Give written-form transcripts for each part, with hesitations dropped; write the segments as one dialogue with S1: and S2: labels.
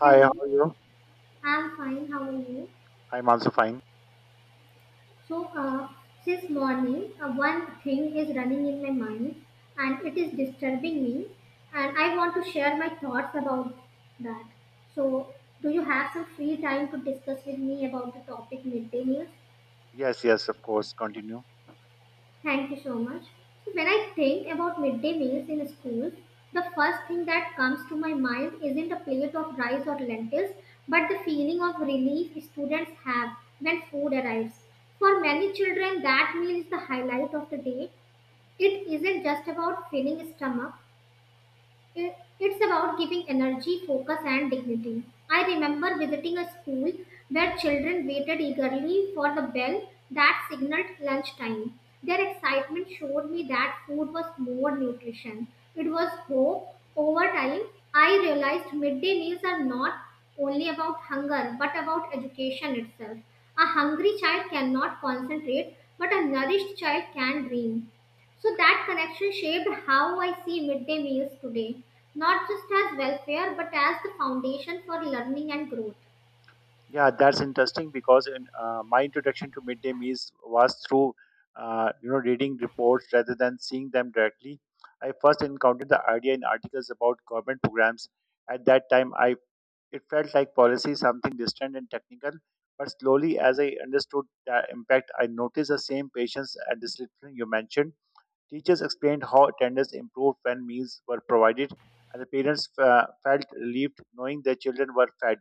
S1: Hi, how
S2: Hello,
S1: are you?
S2: I'm fine. How are you?
S1: I'm also fine.
S2: So, uh, since morning, one thing is running in my mind and it is disturbing me, and I want to share my thoughts about that. So, do you have some free time to discuss with me about the topic midday meals?
S1: Yes, yes, of course. Continue.
S2: Thank you so much. So when I think about midday meals in schools, the first thing that comes to my mind isn't a plate of rice or lentils, but the feeling of relief students have when food arrives. For many children, that meal is the highlight of the day. It isn't just about filling stomach, it- it's about giving energy, focus, and dignity. I remember visiting a school where children waited eagerly for the bell that signaled lunchtime. Their excitement showed me that food was more nutrition. It was hope. Over time, I realized midday meals are not only about hunger but about education itself. A hungry child cannot concentrate, but a nourished child can dream. So that connection shaped how I see midday meals today, not just as welfare but as the foundation for learning and growth.
S1: Yeah, that's interesting because my introduction to midday meals was through reading reports rather than seeing them directly. I first encountered the idea in articles about government programs. At that time, I it felt like policy something distant and technical. But slowly, as I understood the impact, I noticed the same patience and discipline you mentioned. Teachers explained how attendance improved when meals were provided, and the parents felt relieved knowing their children were fed.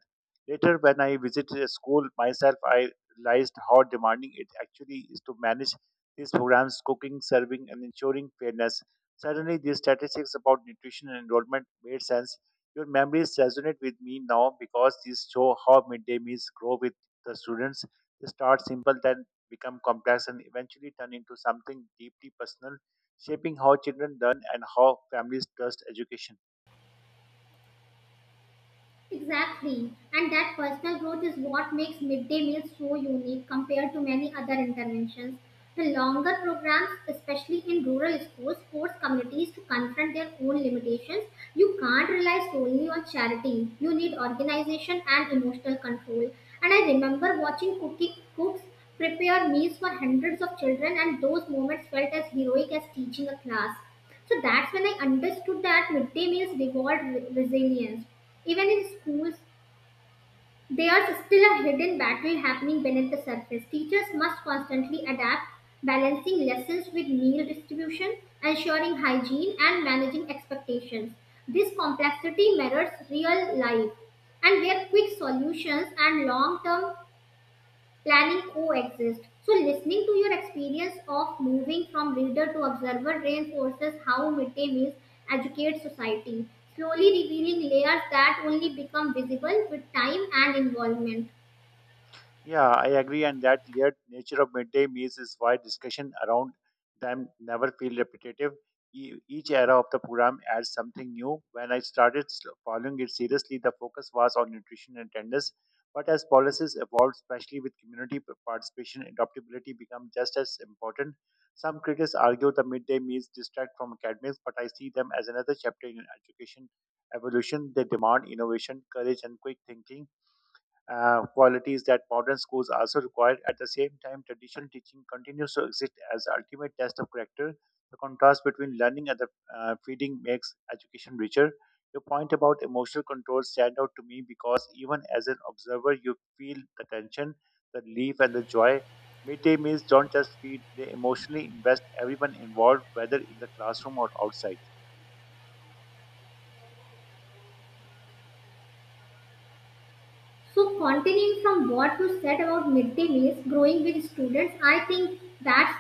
S1: Later, when I visited a school myself, I realized how demanding it actually is to manage these programs, cooking, serving, and ensuring fairness. Suddenly, these statistics about nutrition and enrollment made sense. Your memories resonate with me now because these show how midday meals grow with the students. They start simple, then become complex, and eventually turn into something deeply personal shaping how children learn and how families trust education.
S2: Exactly. And that personal growth is what makes midday meals so unique compared to many other interventions. The longer programs, especially in rural schools, force communities to confront their own limitations. You can't rely solely on charity. You need organization and emotional control. And I remember watching cooking cooks prepare meals for hundreds of children, and those moments felt as heroic as teaching a class. So that's when I understood that midday meals reward resilience. Even in schools, there's still a hidden battle happening beneath the surface. Teachers must constantly adapt, balancing lessons with meal distribution, ensuring hygiene, and managing expectations. This complexity mirrors real life, and where quick solutions and long term planning coexist. So, listening to your experience of moving from reader to observer reinforces how midday meals educate society, slowly revealing layers that only become visible with time and involvement.
S1: Yeah, I agree, and that layered nature of midday meals is why discussion around them never feel repetitive. Each era of the program adds something new. When I started following it seriously, the focus was on nutrition and tenders. But as policies evolved, especially with community participation, adaptability become just as important. Some critics argue the midday meals distract from academics, but I see them as another chapter in education evolution. They demand innovation, courage, and quick thinking, qualities that modern schools also require. At the same time, traditional teaching continues to exist as the ultimate test of character. The contrast between learning and the feeding makes education richer. Your point about emotional control stand out to me because even as an observer, you feel the tension, the relief, and the joy. Midday meals don't just feed; they emotionally invest everyone involved, whether in the classroom or outside.
S2: So, continuing from what you said about midday meals, growing with students, I think that's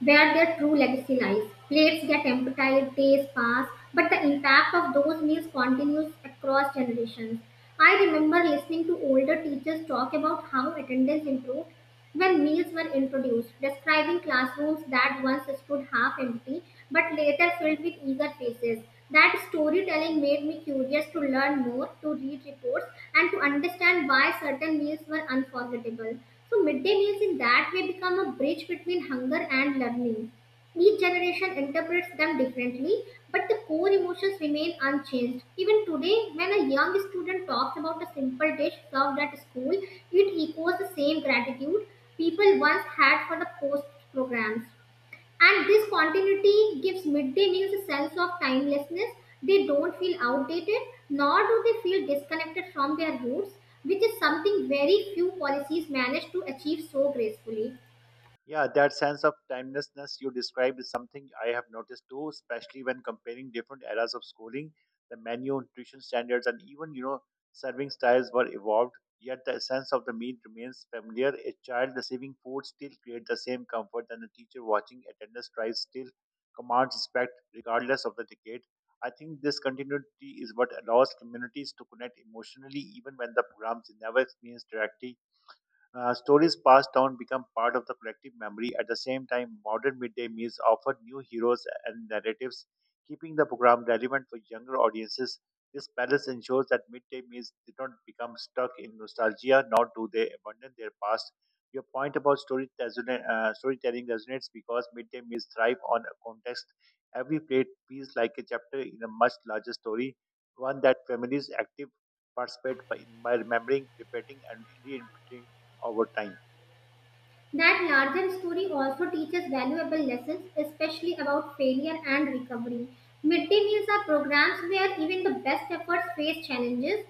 S2: where their true legacy lies. Plates get emptied, days pass, but the impact of those meals continues across generations. I remember listening to older teachers talk about how attendance improved when meals were introduced, describing classrooms that once stood half empty but later filled with eager faces. That storytelling made me curious to learn more, to read reports, and to understand why certain meals were unforgettable. So midday meals in that way become a bridge between hunger and learning. Each generation interprets them differently, but the core emotions remain unchanged. Even today, when a young student talks about a simple dish served at school, it echoes the same gratitude people once had for the post programs. And this continuity gives midday meals a sense of timelessness. They don't feel outdated, nor do they feel disconnected from their roots, which is something very few policies manage to achieve so gracefully.
S1: Yeah, that sense of timelessness you described is something I have noticed too, especially when comparing different eras of schooling. The menu, nutrition standards, and even serving styles were evolved. Yet the essence of the meal remains familiar. A child receiving food still creates the same comfort, and a teacher watching attendance tries still commands respect regardless of the decade. I think this continuity is what allows communities to connect emotionally, even when the programs never experience directly, stories passed down become part of the collective memory. At the same time, modern midday meals offer new heroes and narratives, keeping the program relevant for younger audiences. This balance ensures that midday meals did not become stuck in nostalgia, nor do they abandon their past. Your point about storytelling resonates because midday meals thrive on a context. Every plate feels like a chapter in a much larger story, one that families active participate by, remembering, repeating, and reinterpreting over time.
S2: That larger story also teaches valuable lessons, especially about failure and recovery. Midday meals are programs where even the best efforts face challenges.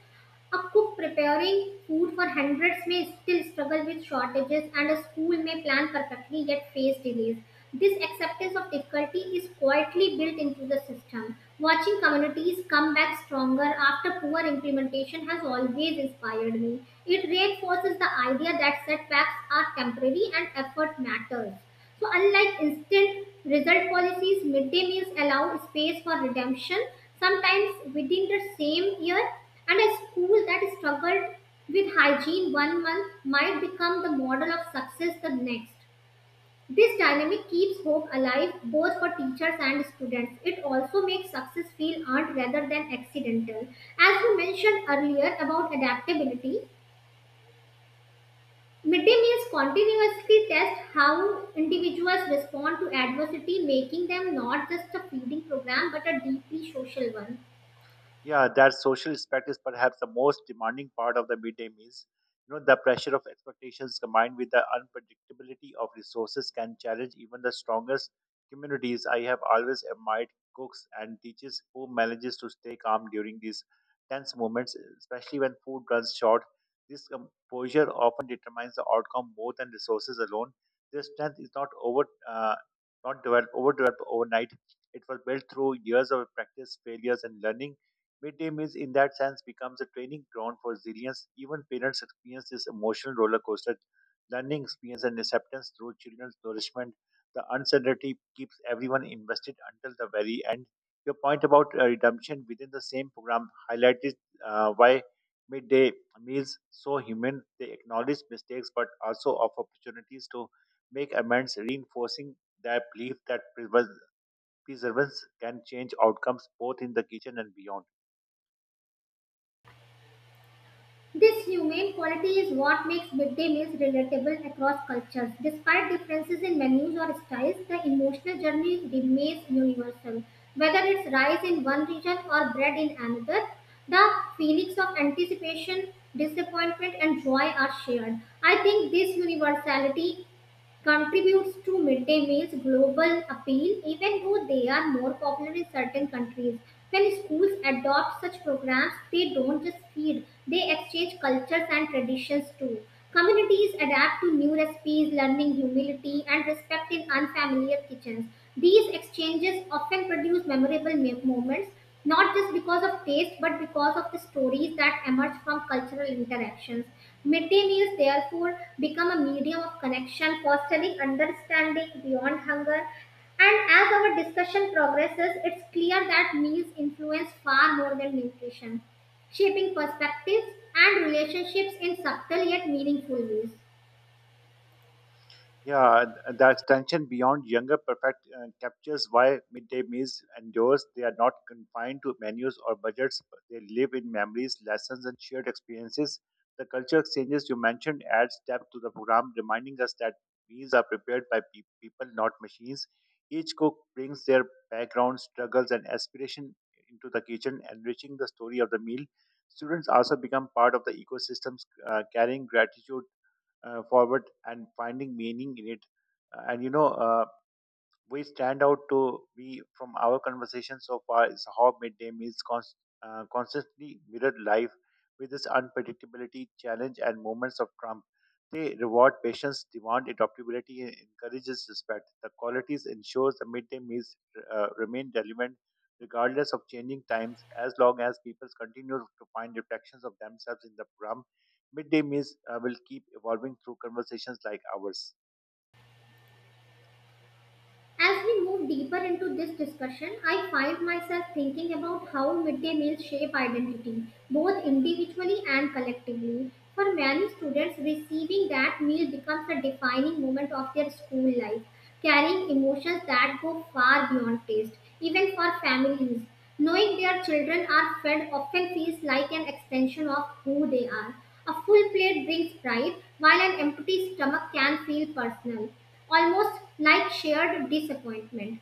S2: A cook preparing food for hundreds may still struggle with shortages, and a school may plan perfectly yet face delays. This acceptance of difficulty is quietly built into the system. Watching communities come back stronger after poor implementation has always inspired me. It reinforces the idea that setbacks are temporary and effort matters. So, unlike instant result policies, midday meals allow space for redemption, sometimes within the same year, and a school that struggled with hygiene one month might become the model of success the next. This dynamic keeps hope alive both for teachers and students. It also makes success feel earned rather than accidental. As you mentioned earlier about adaptability, midday meals continuously test how individuals respond to adversity, making them not just a feeding program but a deeply social one.
S1: Yeah, that social aspect is perhaps the most demanding part of the midday meals. You know, the pressure of expectations combined with the unpredictability of resources can challenge even the strongest communities. I have always admired cooks and teachers who manages to stay calm during these tense moments, especially when food runs short. This composure often determines the outcome more than resources alone. Their strength is uh, not overdeveloped overnight. It was built through years of practice, failures, and learning. Midday meals, in that sense, becomes a training ground for resilience. Even parents experience this emotional roller coaster, learning experience and acceptance through children's nourishment. The uncertainty keeps everyone invested until the very end. Your point about redemption within the same program highlighted why midday meals so human. They acknowledge mistakes but also offer opportunities to make amends, reinforcing their belief that perseverance can change outcomes both in the kitchen and beyond.
S2: This humane quality is what makes midday meals relatable across cultures. Despite differences in menus or styles, the emotional journey remains universal. Whether it's rice in one region or bread in another, the feelings of anticipation, disappointment, and joy are shared. I think this universality contributes to midday meals' global appeal, even though they are more popular in certain countries. When schools adopt such programs, they don't just feed, they exchange cultures and traditions too. Communities adapt to new recipes, learning humility and respect in unfamiliar kitchens. These exchanges often produce memorable moments not just because of taste but because of the stories that emerge from cultural interactions. Midday meals, therefore, become a medium of connection, fostering understanding beyond hunger. And as our discussion progresses, it's clear that meals influence far more than nutrition, shaping perspectives and relationships in subtle yet meaningful ways.
S1: Yeah, that extension beyond younger perfect captures why midday meals endures. They are not confined to menus or budgets, but they live in memories, lessons, and shared experiences. The culture exchanges you mentioned adds depth to the program, reminding us that meals are prepared by people, not machines. Each cook brings their background, struggles, and aspiration into the kitchen, enriching the story of the meal. Students also become part of the ecosystem's, carrying gratitude forward and finding meaning in it. And we stand out to be from our conversation so far is how midday meals constantly mirrored life with its unpredictability, challenge, and moments of trump. They reward patience, demand adaptability, and encourages respect. The qualities ensures the midday meals remain relevant regardless of changing times, as long as people continue to find reflections of themselves in the program. Midday meals will keep evolving through conversations like ours.
S2: As we move deeper into this discussion, I find myself thinking about how midday meals shape identity, both individually and collectively. For many students, receiving that meal becomes a defining moment of their school life, carrying emotions that go far beyond taste, even for families. Knowing their children are fed often feels like an extension of who they are. A full plate brings pride, while an empty stomach can feel personal, almost like shared disappointment.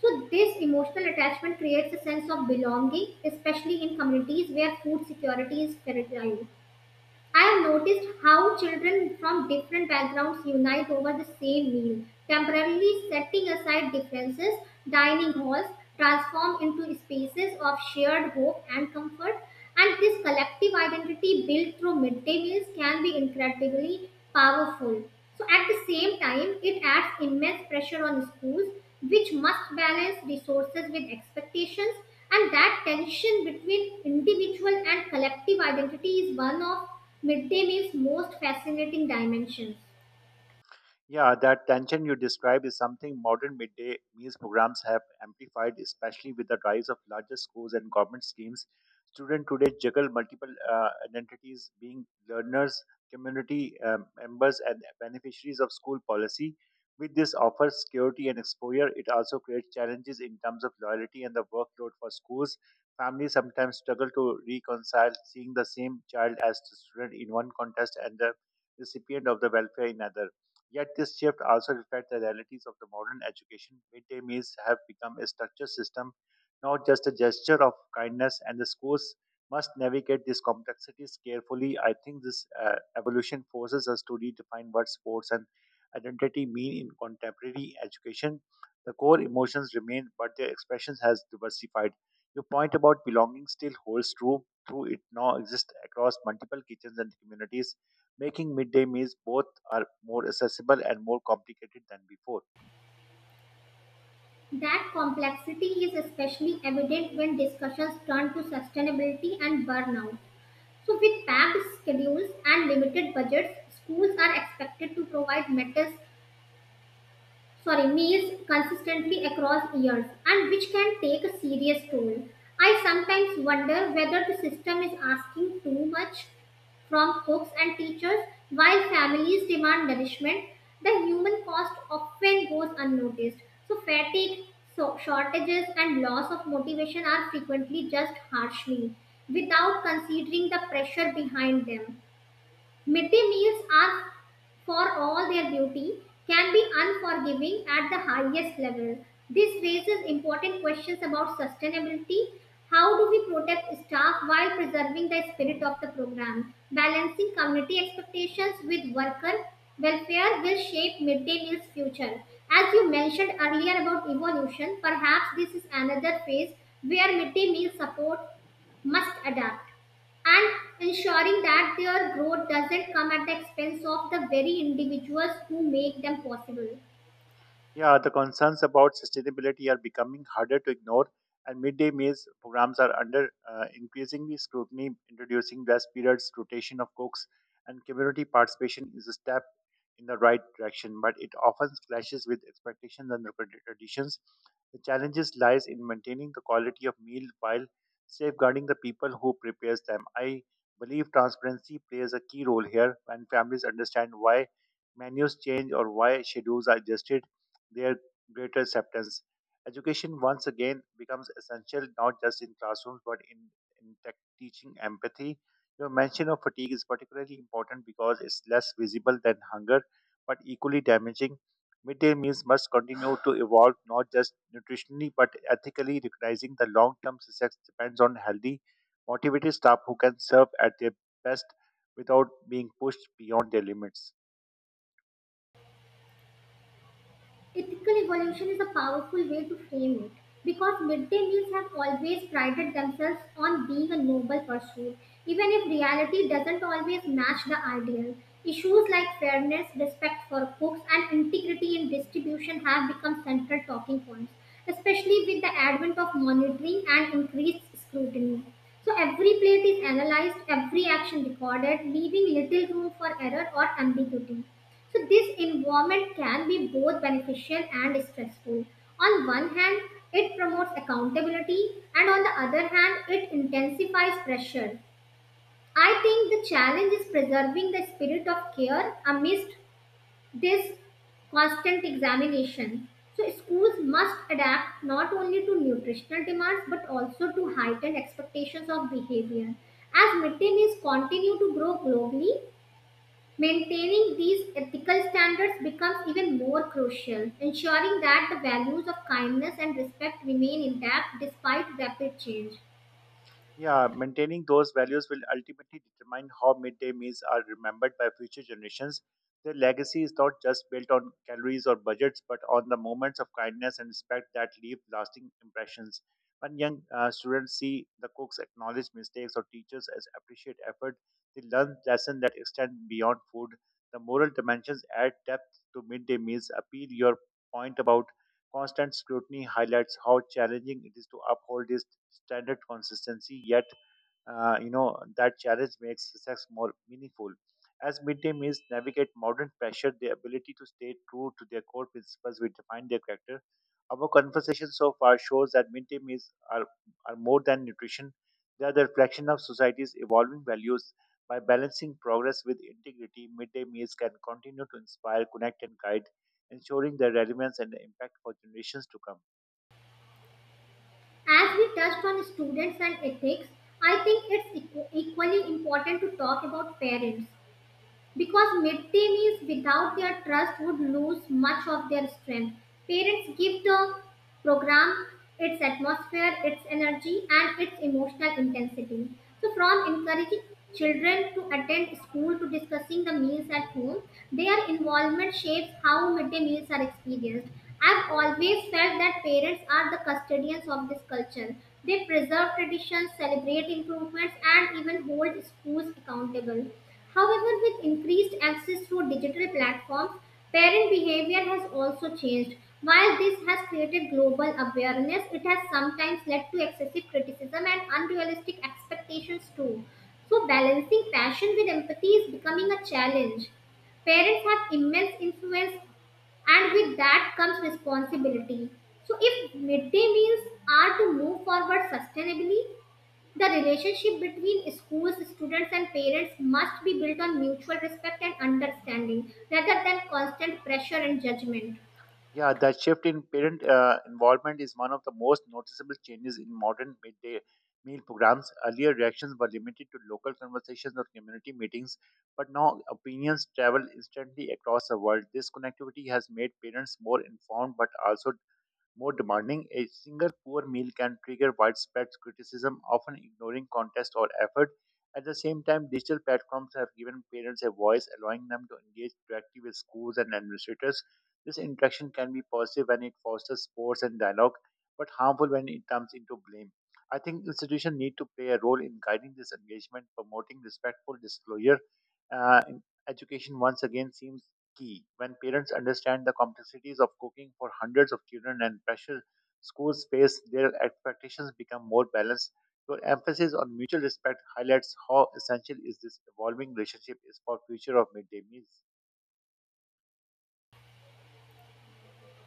S2: So, this emotional attachment creates a sense of belonging, especially in communities where food security is fragile. I have noticed how children from different backgrounds unite over the same meal, temporarily setting aside differences. Dining halls transform into spaces of shared hope and comfort, and this collective identity built through midday meals can be incredibly powerful. So, at the same time, it adds immense pressure on schools, which must balance resources with expectations, and that tension between individual and collective identity is one of midday meal's most fascinating dimensions.
S1: Yeah, that tension you describe is something modern midday meals programs have amplified, especially with the rise of larger schools and government schemes. Students today juggle multiple identities, being learners, community members, and beneficiaries of school policy. With this offers security and exposure, it also creates challenges in terms of loyalty and the workload for schools. Families sometimes struggle to reconcile seeing the same child as the student in one context and the recipient of the welfare in another. Yet this shift also reflects the realities of the modern education. Midday meals have become a structured system, not just a gesture of kindness, and the schools must navigate these complexities carefully. I think this evolution forces us to redefine what sports and identity mean in contemporary education. The core emotions remain, but their expressions has diversified. Your point about belonging still holds true, through it now exists across multiple kitchens and communities making midday meals both are more accessible and more complicated than before.
S2: That complexity is especially evident when discussions turn to sustainability and burnout. So, with packed schedules and limited budgets, schools are expected to provide metals, sorry, meals consistently across years, and which can take a serious toll. I sometimes wonder whether the system is asking too much from cooks and teachers, while families demand nourishment, the human cost often goes unnoticed. So, fatigue, so shortages, and loss of motivation are frequently just harshly without considering the pressure behind them. Midday meals are, for all their beauty, can be unforgiving at the highest level. This raises important questions about sustainability. How do we protect staff while preserving the spirit of the program? Balancing community expectations with worker welfare will shape midday meals future. As you mentioned earlier about evolution, perhaps this is another phase where midday meal support must adapt and ensuring that their growth doesn't come at the expense of the very individuals who make them possible.
S1: Yeah, the concerns about sustainability are becoming harder to ignore, and midday meals programs are under increasingly scrutiny, introducing rest periods, rotation of cooks, and community participation is a step in the right direction, but it often clashes with expectations and recorded traditions. The challenges lies in maintaining the quality of meal while safeguarding the people who prepares them. I believe transparency plays a key role here when families understand why menus change or why schedules are adjusted their greater acceptance. Education once again becomes essential not just in classrooms but in tech teaching empathy. Your mention of fatigue is particularly important because it's less visible than hunger but equally damaging. Midday meals must continue to evolve not just nutritionally but ethically, recognizing the long term success depends on healthy, motivated staff who can serve at their best without being pushed beyond their limits.
S2: Ethical evolution is a powerful way to frame it because midday meals have always prided themselves on being a noble pursuit, even if reality doesn't always match the ideal. Issues like fairness, respect for cooks, and integrity in distribution have become central talking points, especially with the advent of monitoring and increased scrutiny. So, every plate is analyzed, every action recorded, leaving little room for error or ambiguity. So this involvement can be both beneficial and stressful. On one hand, it promotes accountability, and on the other hand, it intensifies pressure. I think the challenge is preserving the spirit of care amidst this constant examination. So schools must adapt not only to nutritional demands but also to heightened expectations of behavior. As mid-day meals continue to grow globally, maintaining these ethical standards becomes even more crucial, ensuring that the values of kindness and respect remain intact despite rapid change.
S1: Yeah, maintaining those values will ultimately determine how midday meals are remembered by future generations. Their legacy is not just built on calories or budgets, but on the moments of kindness and respect that leave lasting impressions. When young students see the cooks acknowledge mistakes or teachers as appreciate effort, they learn lessons that extend beyond food. The moral dimensions add depth to midday meals. Appeal your point about constant scrutiny highlights how challenging it is to uphold this standard consistency, yet that challenge makes success more meaningful. As midday meals navigate modern pressure their ability to stay true to their core principles will define their character. Our conversation so far shows that midday meals are more than nutrition, they are the reflection of society's evolving values. By balancing progress with integrity midday meals can continue to inspire connect and guide ensuring their relevance and impact for generations to come.
S2: As we touched on students and ethics, I think it's equally important to talk about parents because midday meals without their trust would lose much of their strength. Parents give the program its atmosphere, its energy, and its emotional intensity. So, from encouraging children to attend school to discussing the meals at home, their involvement shapes how midday meals are experienced. I've always felt that parents are the custodians of this culture. They preserve traditions, celebrate improvements, and even hold schools accountable. However, with increased access to digital platforms, parent behavior has also changed. While this has created global awareness, it has sometimes led to excessive criticism and unrealistic expectations too. So, balancing passion with empathy is becoming a challenge. Parents have immense influence, and with that comes responsibility. So, if midday meals are to move forward sustainably, the relationship between schools, students, and parents must be built on mutual respect and understanding rather than constant pressure and judgment.
S1: Yeah, that shift in parent involvement is one of the most noticeable changes in modern midday meal programs. Earlier, reactions were limited to local conversations or community meetings, but now opinions travel instantly across the world. This connectivity has made parents more informed but also more demanding, a single poor meal can trigger widespread criticism, often ignoring context or effort. At the same time, digital platforms have given parents a voice, allowing them to engage directly with schools and administrators. This interaction can be positive when it fosters sports and dialogue, but harmful when it turns into blame. I think institutions need to play a role in guiding this engagement, promoting respectful disclosure. Uh, in- Education once again seems key. When parents understand the complexities of cooking for hundreds of children and pressure school space, their expectations become more balanced. Your emphasis on mutual respect highlights how essential is this evolving relationship is for future of midday meals.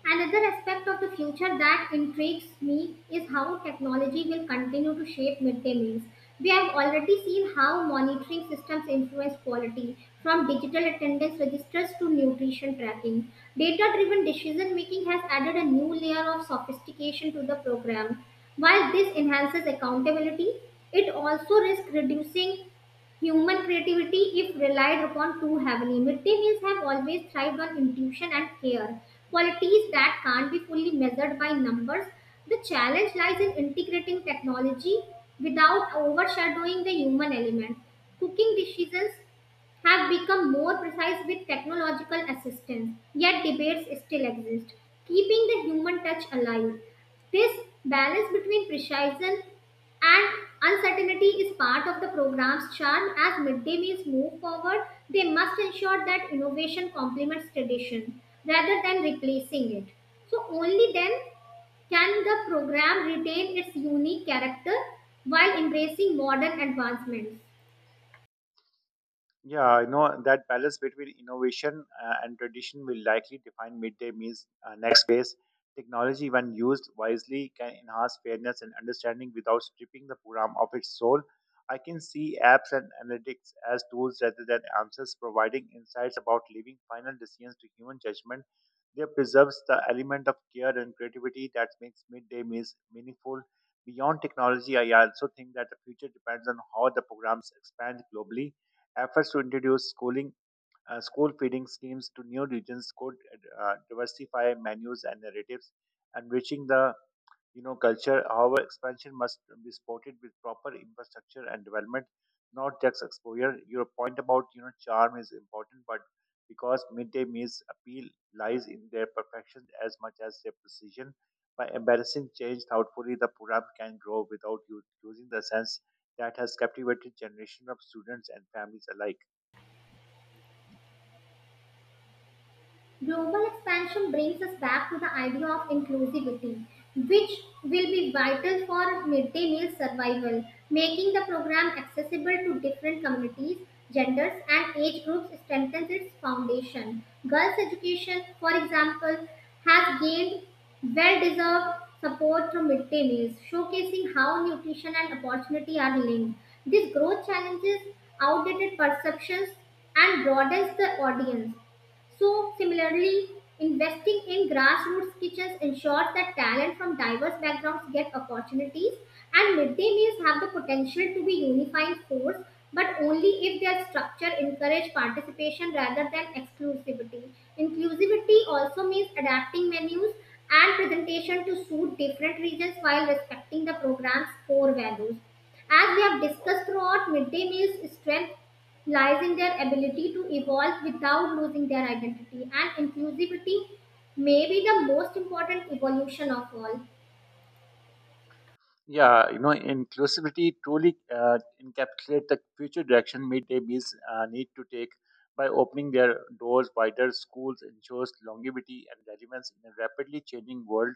S2: Another aspect of the future that intrigues me is how technology will continue to shape midday meals. We have already seen how monitoring systems influence quality, from digital attendance registers to nutrition tracking. Data driven decision making has added a new layer of sophistication to the program. While this enhances accountability, it also risks reducing human creativity, if relied upon too heavily. Midday meals have always thrived on intuition and care, qualities that can't be fully measured by numbers. The challenge lies in integrating technology without overshadowing the human element. Cooking decisions have become more precise with technological assistance, yet debates still exist, keeping the human touch alive. This balance between precision and uncertainty is part of the program's charm. As midday meals move forward, they must ensure that innovation complements tradition rather than replacing it. So, only then can the program retain its unique character while embracing modern advancements.
S1: Yeah, I know that balance between innovation and tradition will likely define midday meals next phase. Technology, when used wisely, can enhance fairness and understanding without stripping the program of its soul. I can see apps and analytics as tools rather than answers, providing insights about leaving final decisions to human judgment. They preserves the element of care and creativity that makes midday meals meaningful. Beyond technology, I also think that the future depends on how the programs expand globally. Efforts to introduce schooling, school feeding schemes to new regions could diversify menus and narratives, enriching the culture. However, expansion must be supported with proper infrastructure and development, not just exposure. Your point about charm is important, but because midday meals appeal lies in their perfection as much as their precision. By embracing change thoughtfully, the program can grow without you losing the sense that has captivated generations of students and families alike.
S2: Global expansion brings us back to the idea of inclusivity, which will be vital for midday meal survival. Making the program accessible to different communities, genders, and age groups strengthens its foundation. Girls' education, for example, has gained well deserved support through midday meals, showcasing how nutrition and opportunity are linked. This growth challenges outdated perceptions and broadens the audience. So, similarly, investing in grassroots kitchens ensures that talent from diverse backgrounds get opportunities, and midday meals have the potential to be unifying force, but only if their structure encourage participation rather than exclusivity. Inclusivity also means adapting menus and presentation to suit different regions while respecting the program's core values. As we have discussed throughout, midday meals strength lies in their ability to evolve without losing their identity, and inclusivity may be the most important evolution of all.
S1: Yeah, you know, inclusivity truly encapsulate the future direction midday meals need to take by opening their doors wider. Schools ensures longevity and relevance in a rapidly changing world.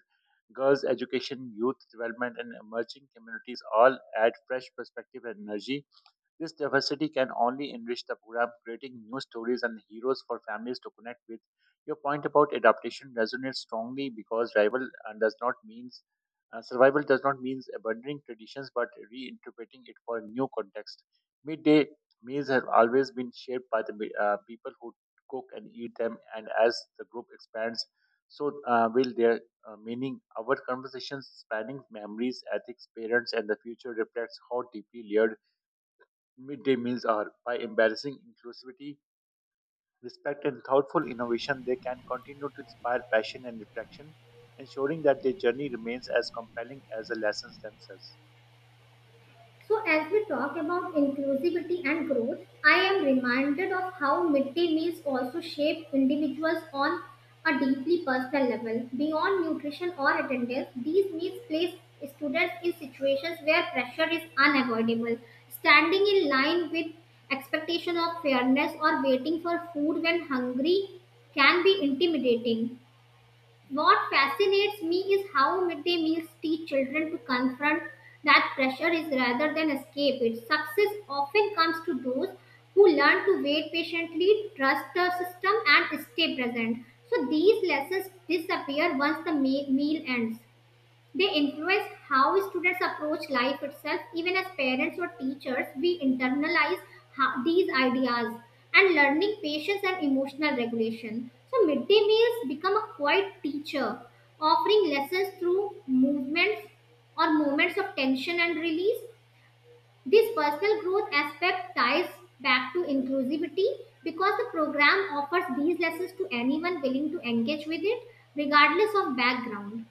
S1: Girls' education, youth development, and emerging communities all add fresh perspective and energy. This diversity can only enrich the program, creating new stories and heroes for families to connect with. Your point about adaptation resonates strongly because rival does not means survival does not mean abandoning traditions but reinterpreting it for new context. Midday meals have always been shaped by the people who cook and eat them, and as the group expands, so will their meaning. Our conversations spanning memories, ethics, parents, and the future reflects how deeply layered midday meals are. By embarrassing inclusivity, respect, and thoughtful innovation, they can continue to inspire passion and reflection, ensuring that their journey remains as compelling as the lessons themselves.
S2: So, as we talk about inclusivity and growth, I am reminded of how midday meals also shape individuals on a deeply personal level. Beyond nutrition or attendance, these meals place students in situations where pressure is unavoidable. Standing in line with expectation of fairness or waiting for food when hungry can be intimidating. What fascinates me is how midday meals teach children to confront that pressure is rather than escape it. Success often comes to those who learn to wait patiently, trust the system, and stay present. So these lessons disappear once the meal ends. They influence how students approach life itself. Even as parents or teachers, we internalize these ideas and learning patience and emotional regulation. So, midday meals become a quiet teacher, offering lessons through movements or moments of tension and release. This personal growth aspect ties back to inclusivity because the program offers these lessons to anyone willing to engage with it, regardless of background.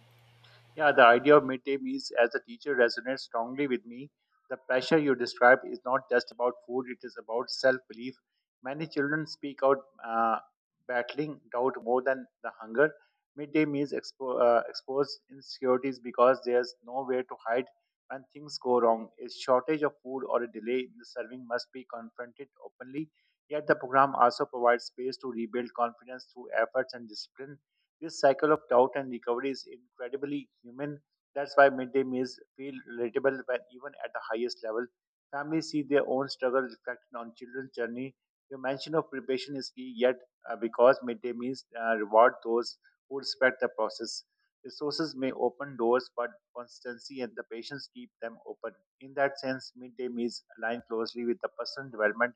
S1: Yeah, the idea of midday meals as a teacher resonates strongly with me. The pressure you describe is not just about food, it is about self belief. Many children speak out, uh, battling doubt more than the hunger. Midday meals expose insecurities because there's nowhere to hide when things go wrong. A shortage of food or a delay in the serving must be confronted openly. Yet the program also provides space to rebuild confidence through efforts and discipline. This cycle of doubt and recovery is incredibly human. That's why midday meals feel relatable when even at the highest level. Families see their own struggle reflected on children's journey. Your mention of preparation is key, yet because midday meals reward those who respect the process. Resources may open doors, but consistency and the patience keep them open. In that sense, midday meals align closely with the personal development,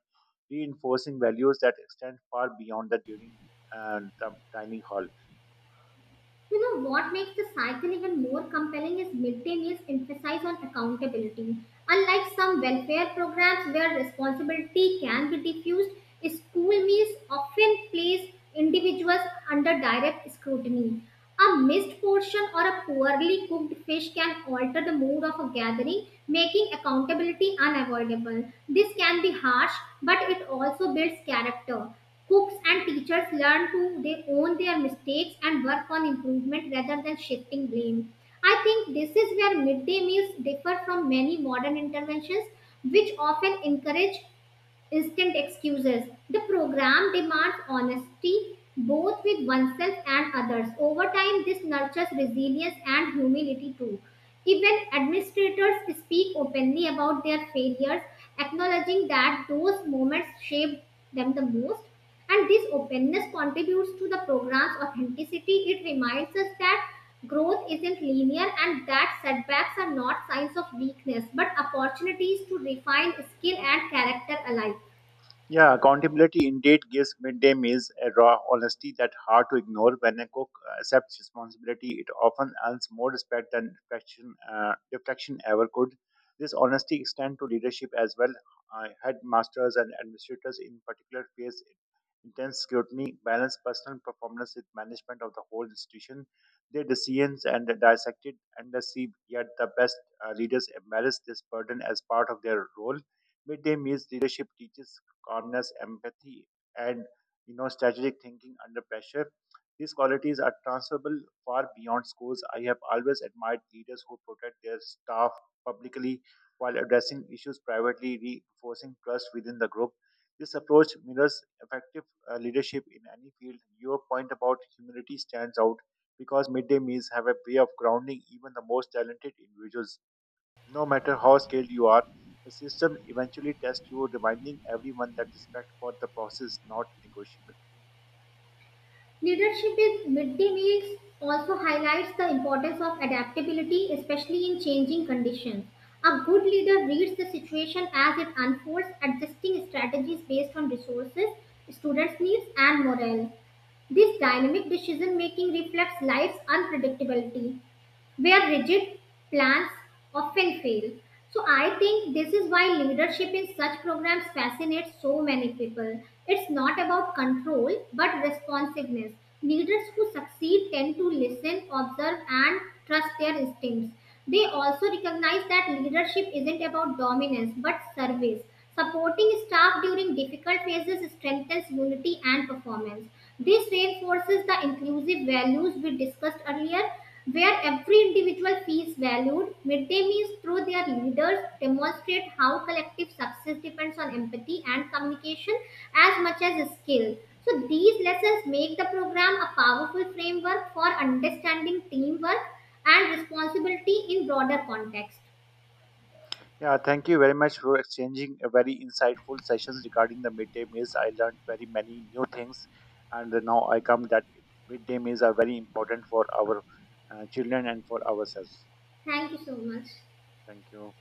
S1: reinforcing values that extend far beyond the dining hall.
S2: You know what makes the cycle even more compelling is midday meals emphasize on accountability. Unlike some welfare programs where responsibility can be diffused, school meals often place individuals under direct scrutiny. A missed portion or a poorly cooked fish can alter the mood of a gathering, making accountability unavoidable. This can be harsh, but it also builds character. Cooks and teachers learn to they own their mistakes and work on improvement rather than shifting blame. I think this is where midday meals differ from many modern interventions which often encourage instant excuses. The program demands honesty both with oneself and others. Over time, this nurtures resilience and humility too. Even administrators speak openly about their failures, acknowledging that those moments shaped them the most. And this openness contributes to the program's authenticity. It reminds us that growth isn't linear and that setbacks are not signs of weakness but opportunities to refine skill and character alike.
S1: Yeah, accountability indeed gives midday meals a raw honesty that's hard to ignore. When a cook accepts responsibility, it often earns more respect than reflection ever could. This honesty extends to leadership as well. Headmasters and administrators, in particular, face intense scrutiny, balance personal performance with management of the whole institution. Their decisions and the dissected endlessly, yet the best leaders embrace this burden as part of their role. Midday meals leadership teaches calmness, empathy, and strategic thinking under pressure. These qualities are transferable far beyond schools. I have always admired leaders who protect their staff publicly while addressing issues privately, reinforcing trust within the group. This approach mirrors effective leadership in any field. Your point about humility stands out because midday meals have a way of grounding even the most talented individuals. No matter how skilled you are, the system eventually tests you, reminding everyone that respect for the process is not negotiable.
S2: Leadership with midday meals also highlights the importance of adaptability, especially in changing conditions. A good leader reads the situation as it unfolds, adjusting strategies based on resources, students' needs, and morale. This dynamic decision making reflects life's unpredictability where rigid plans often fail. So I think this is why leadership in such programs fascinates so many people. It's not about control but responsiveness. Leaders who succeed tend to listen, observe, and trust their instincts. They also recognize that leadership isn't about dominance but service. Supporting staff during difficult phases strengthens unity and performance. This reinforces the inclusive values we discussed earlier where every individual feels valued. Midday meals through their leaders demonstrate how collective success depends on empathy and communication as much as skill. So, these lessons make the program a powerful framework for understanding teamwork and responsibility in broader context.
S1: Yeah, thank you very much for exchanging a very insightful sessions regarding the midday meals. I learned very many new things, and now I come that midday meals are very important for our children and for ourselves.
S2: Thank you so much.
S1: Thank you.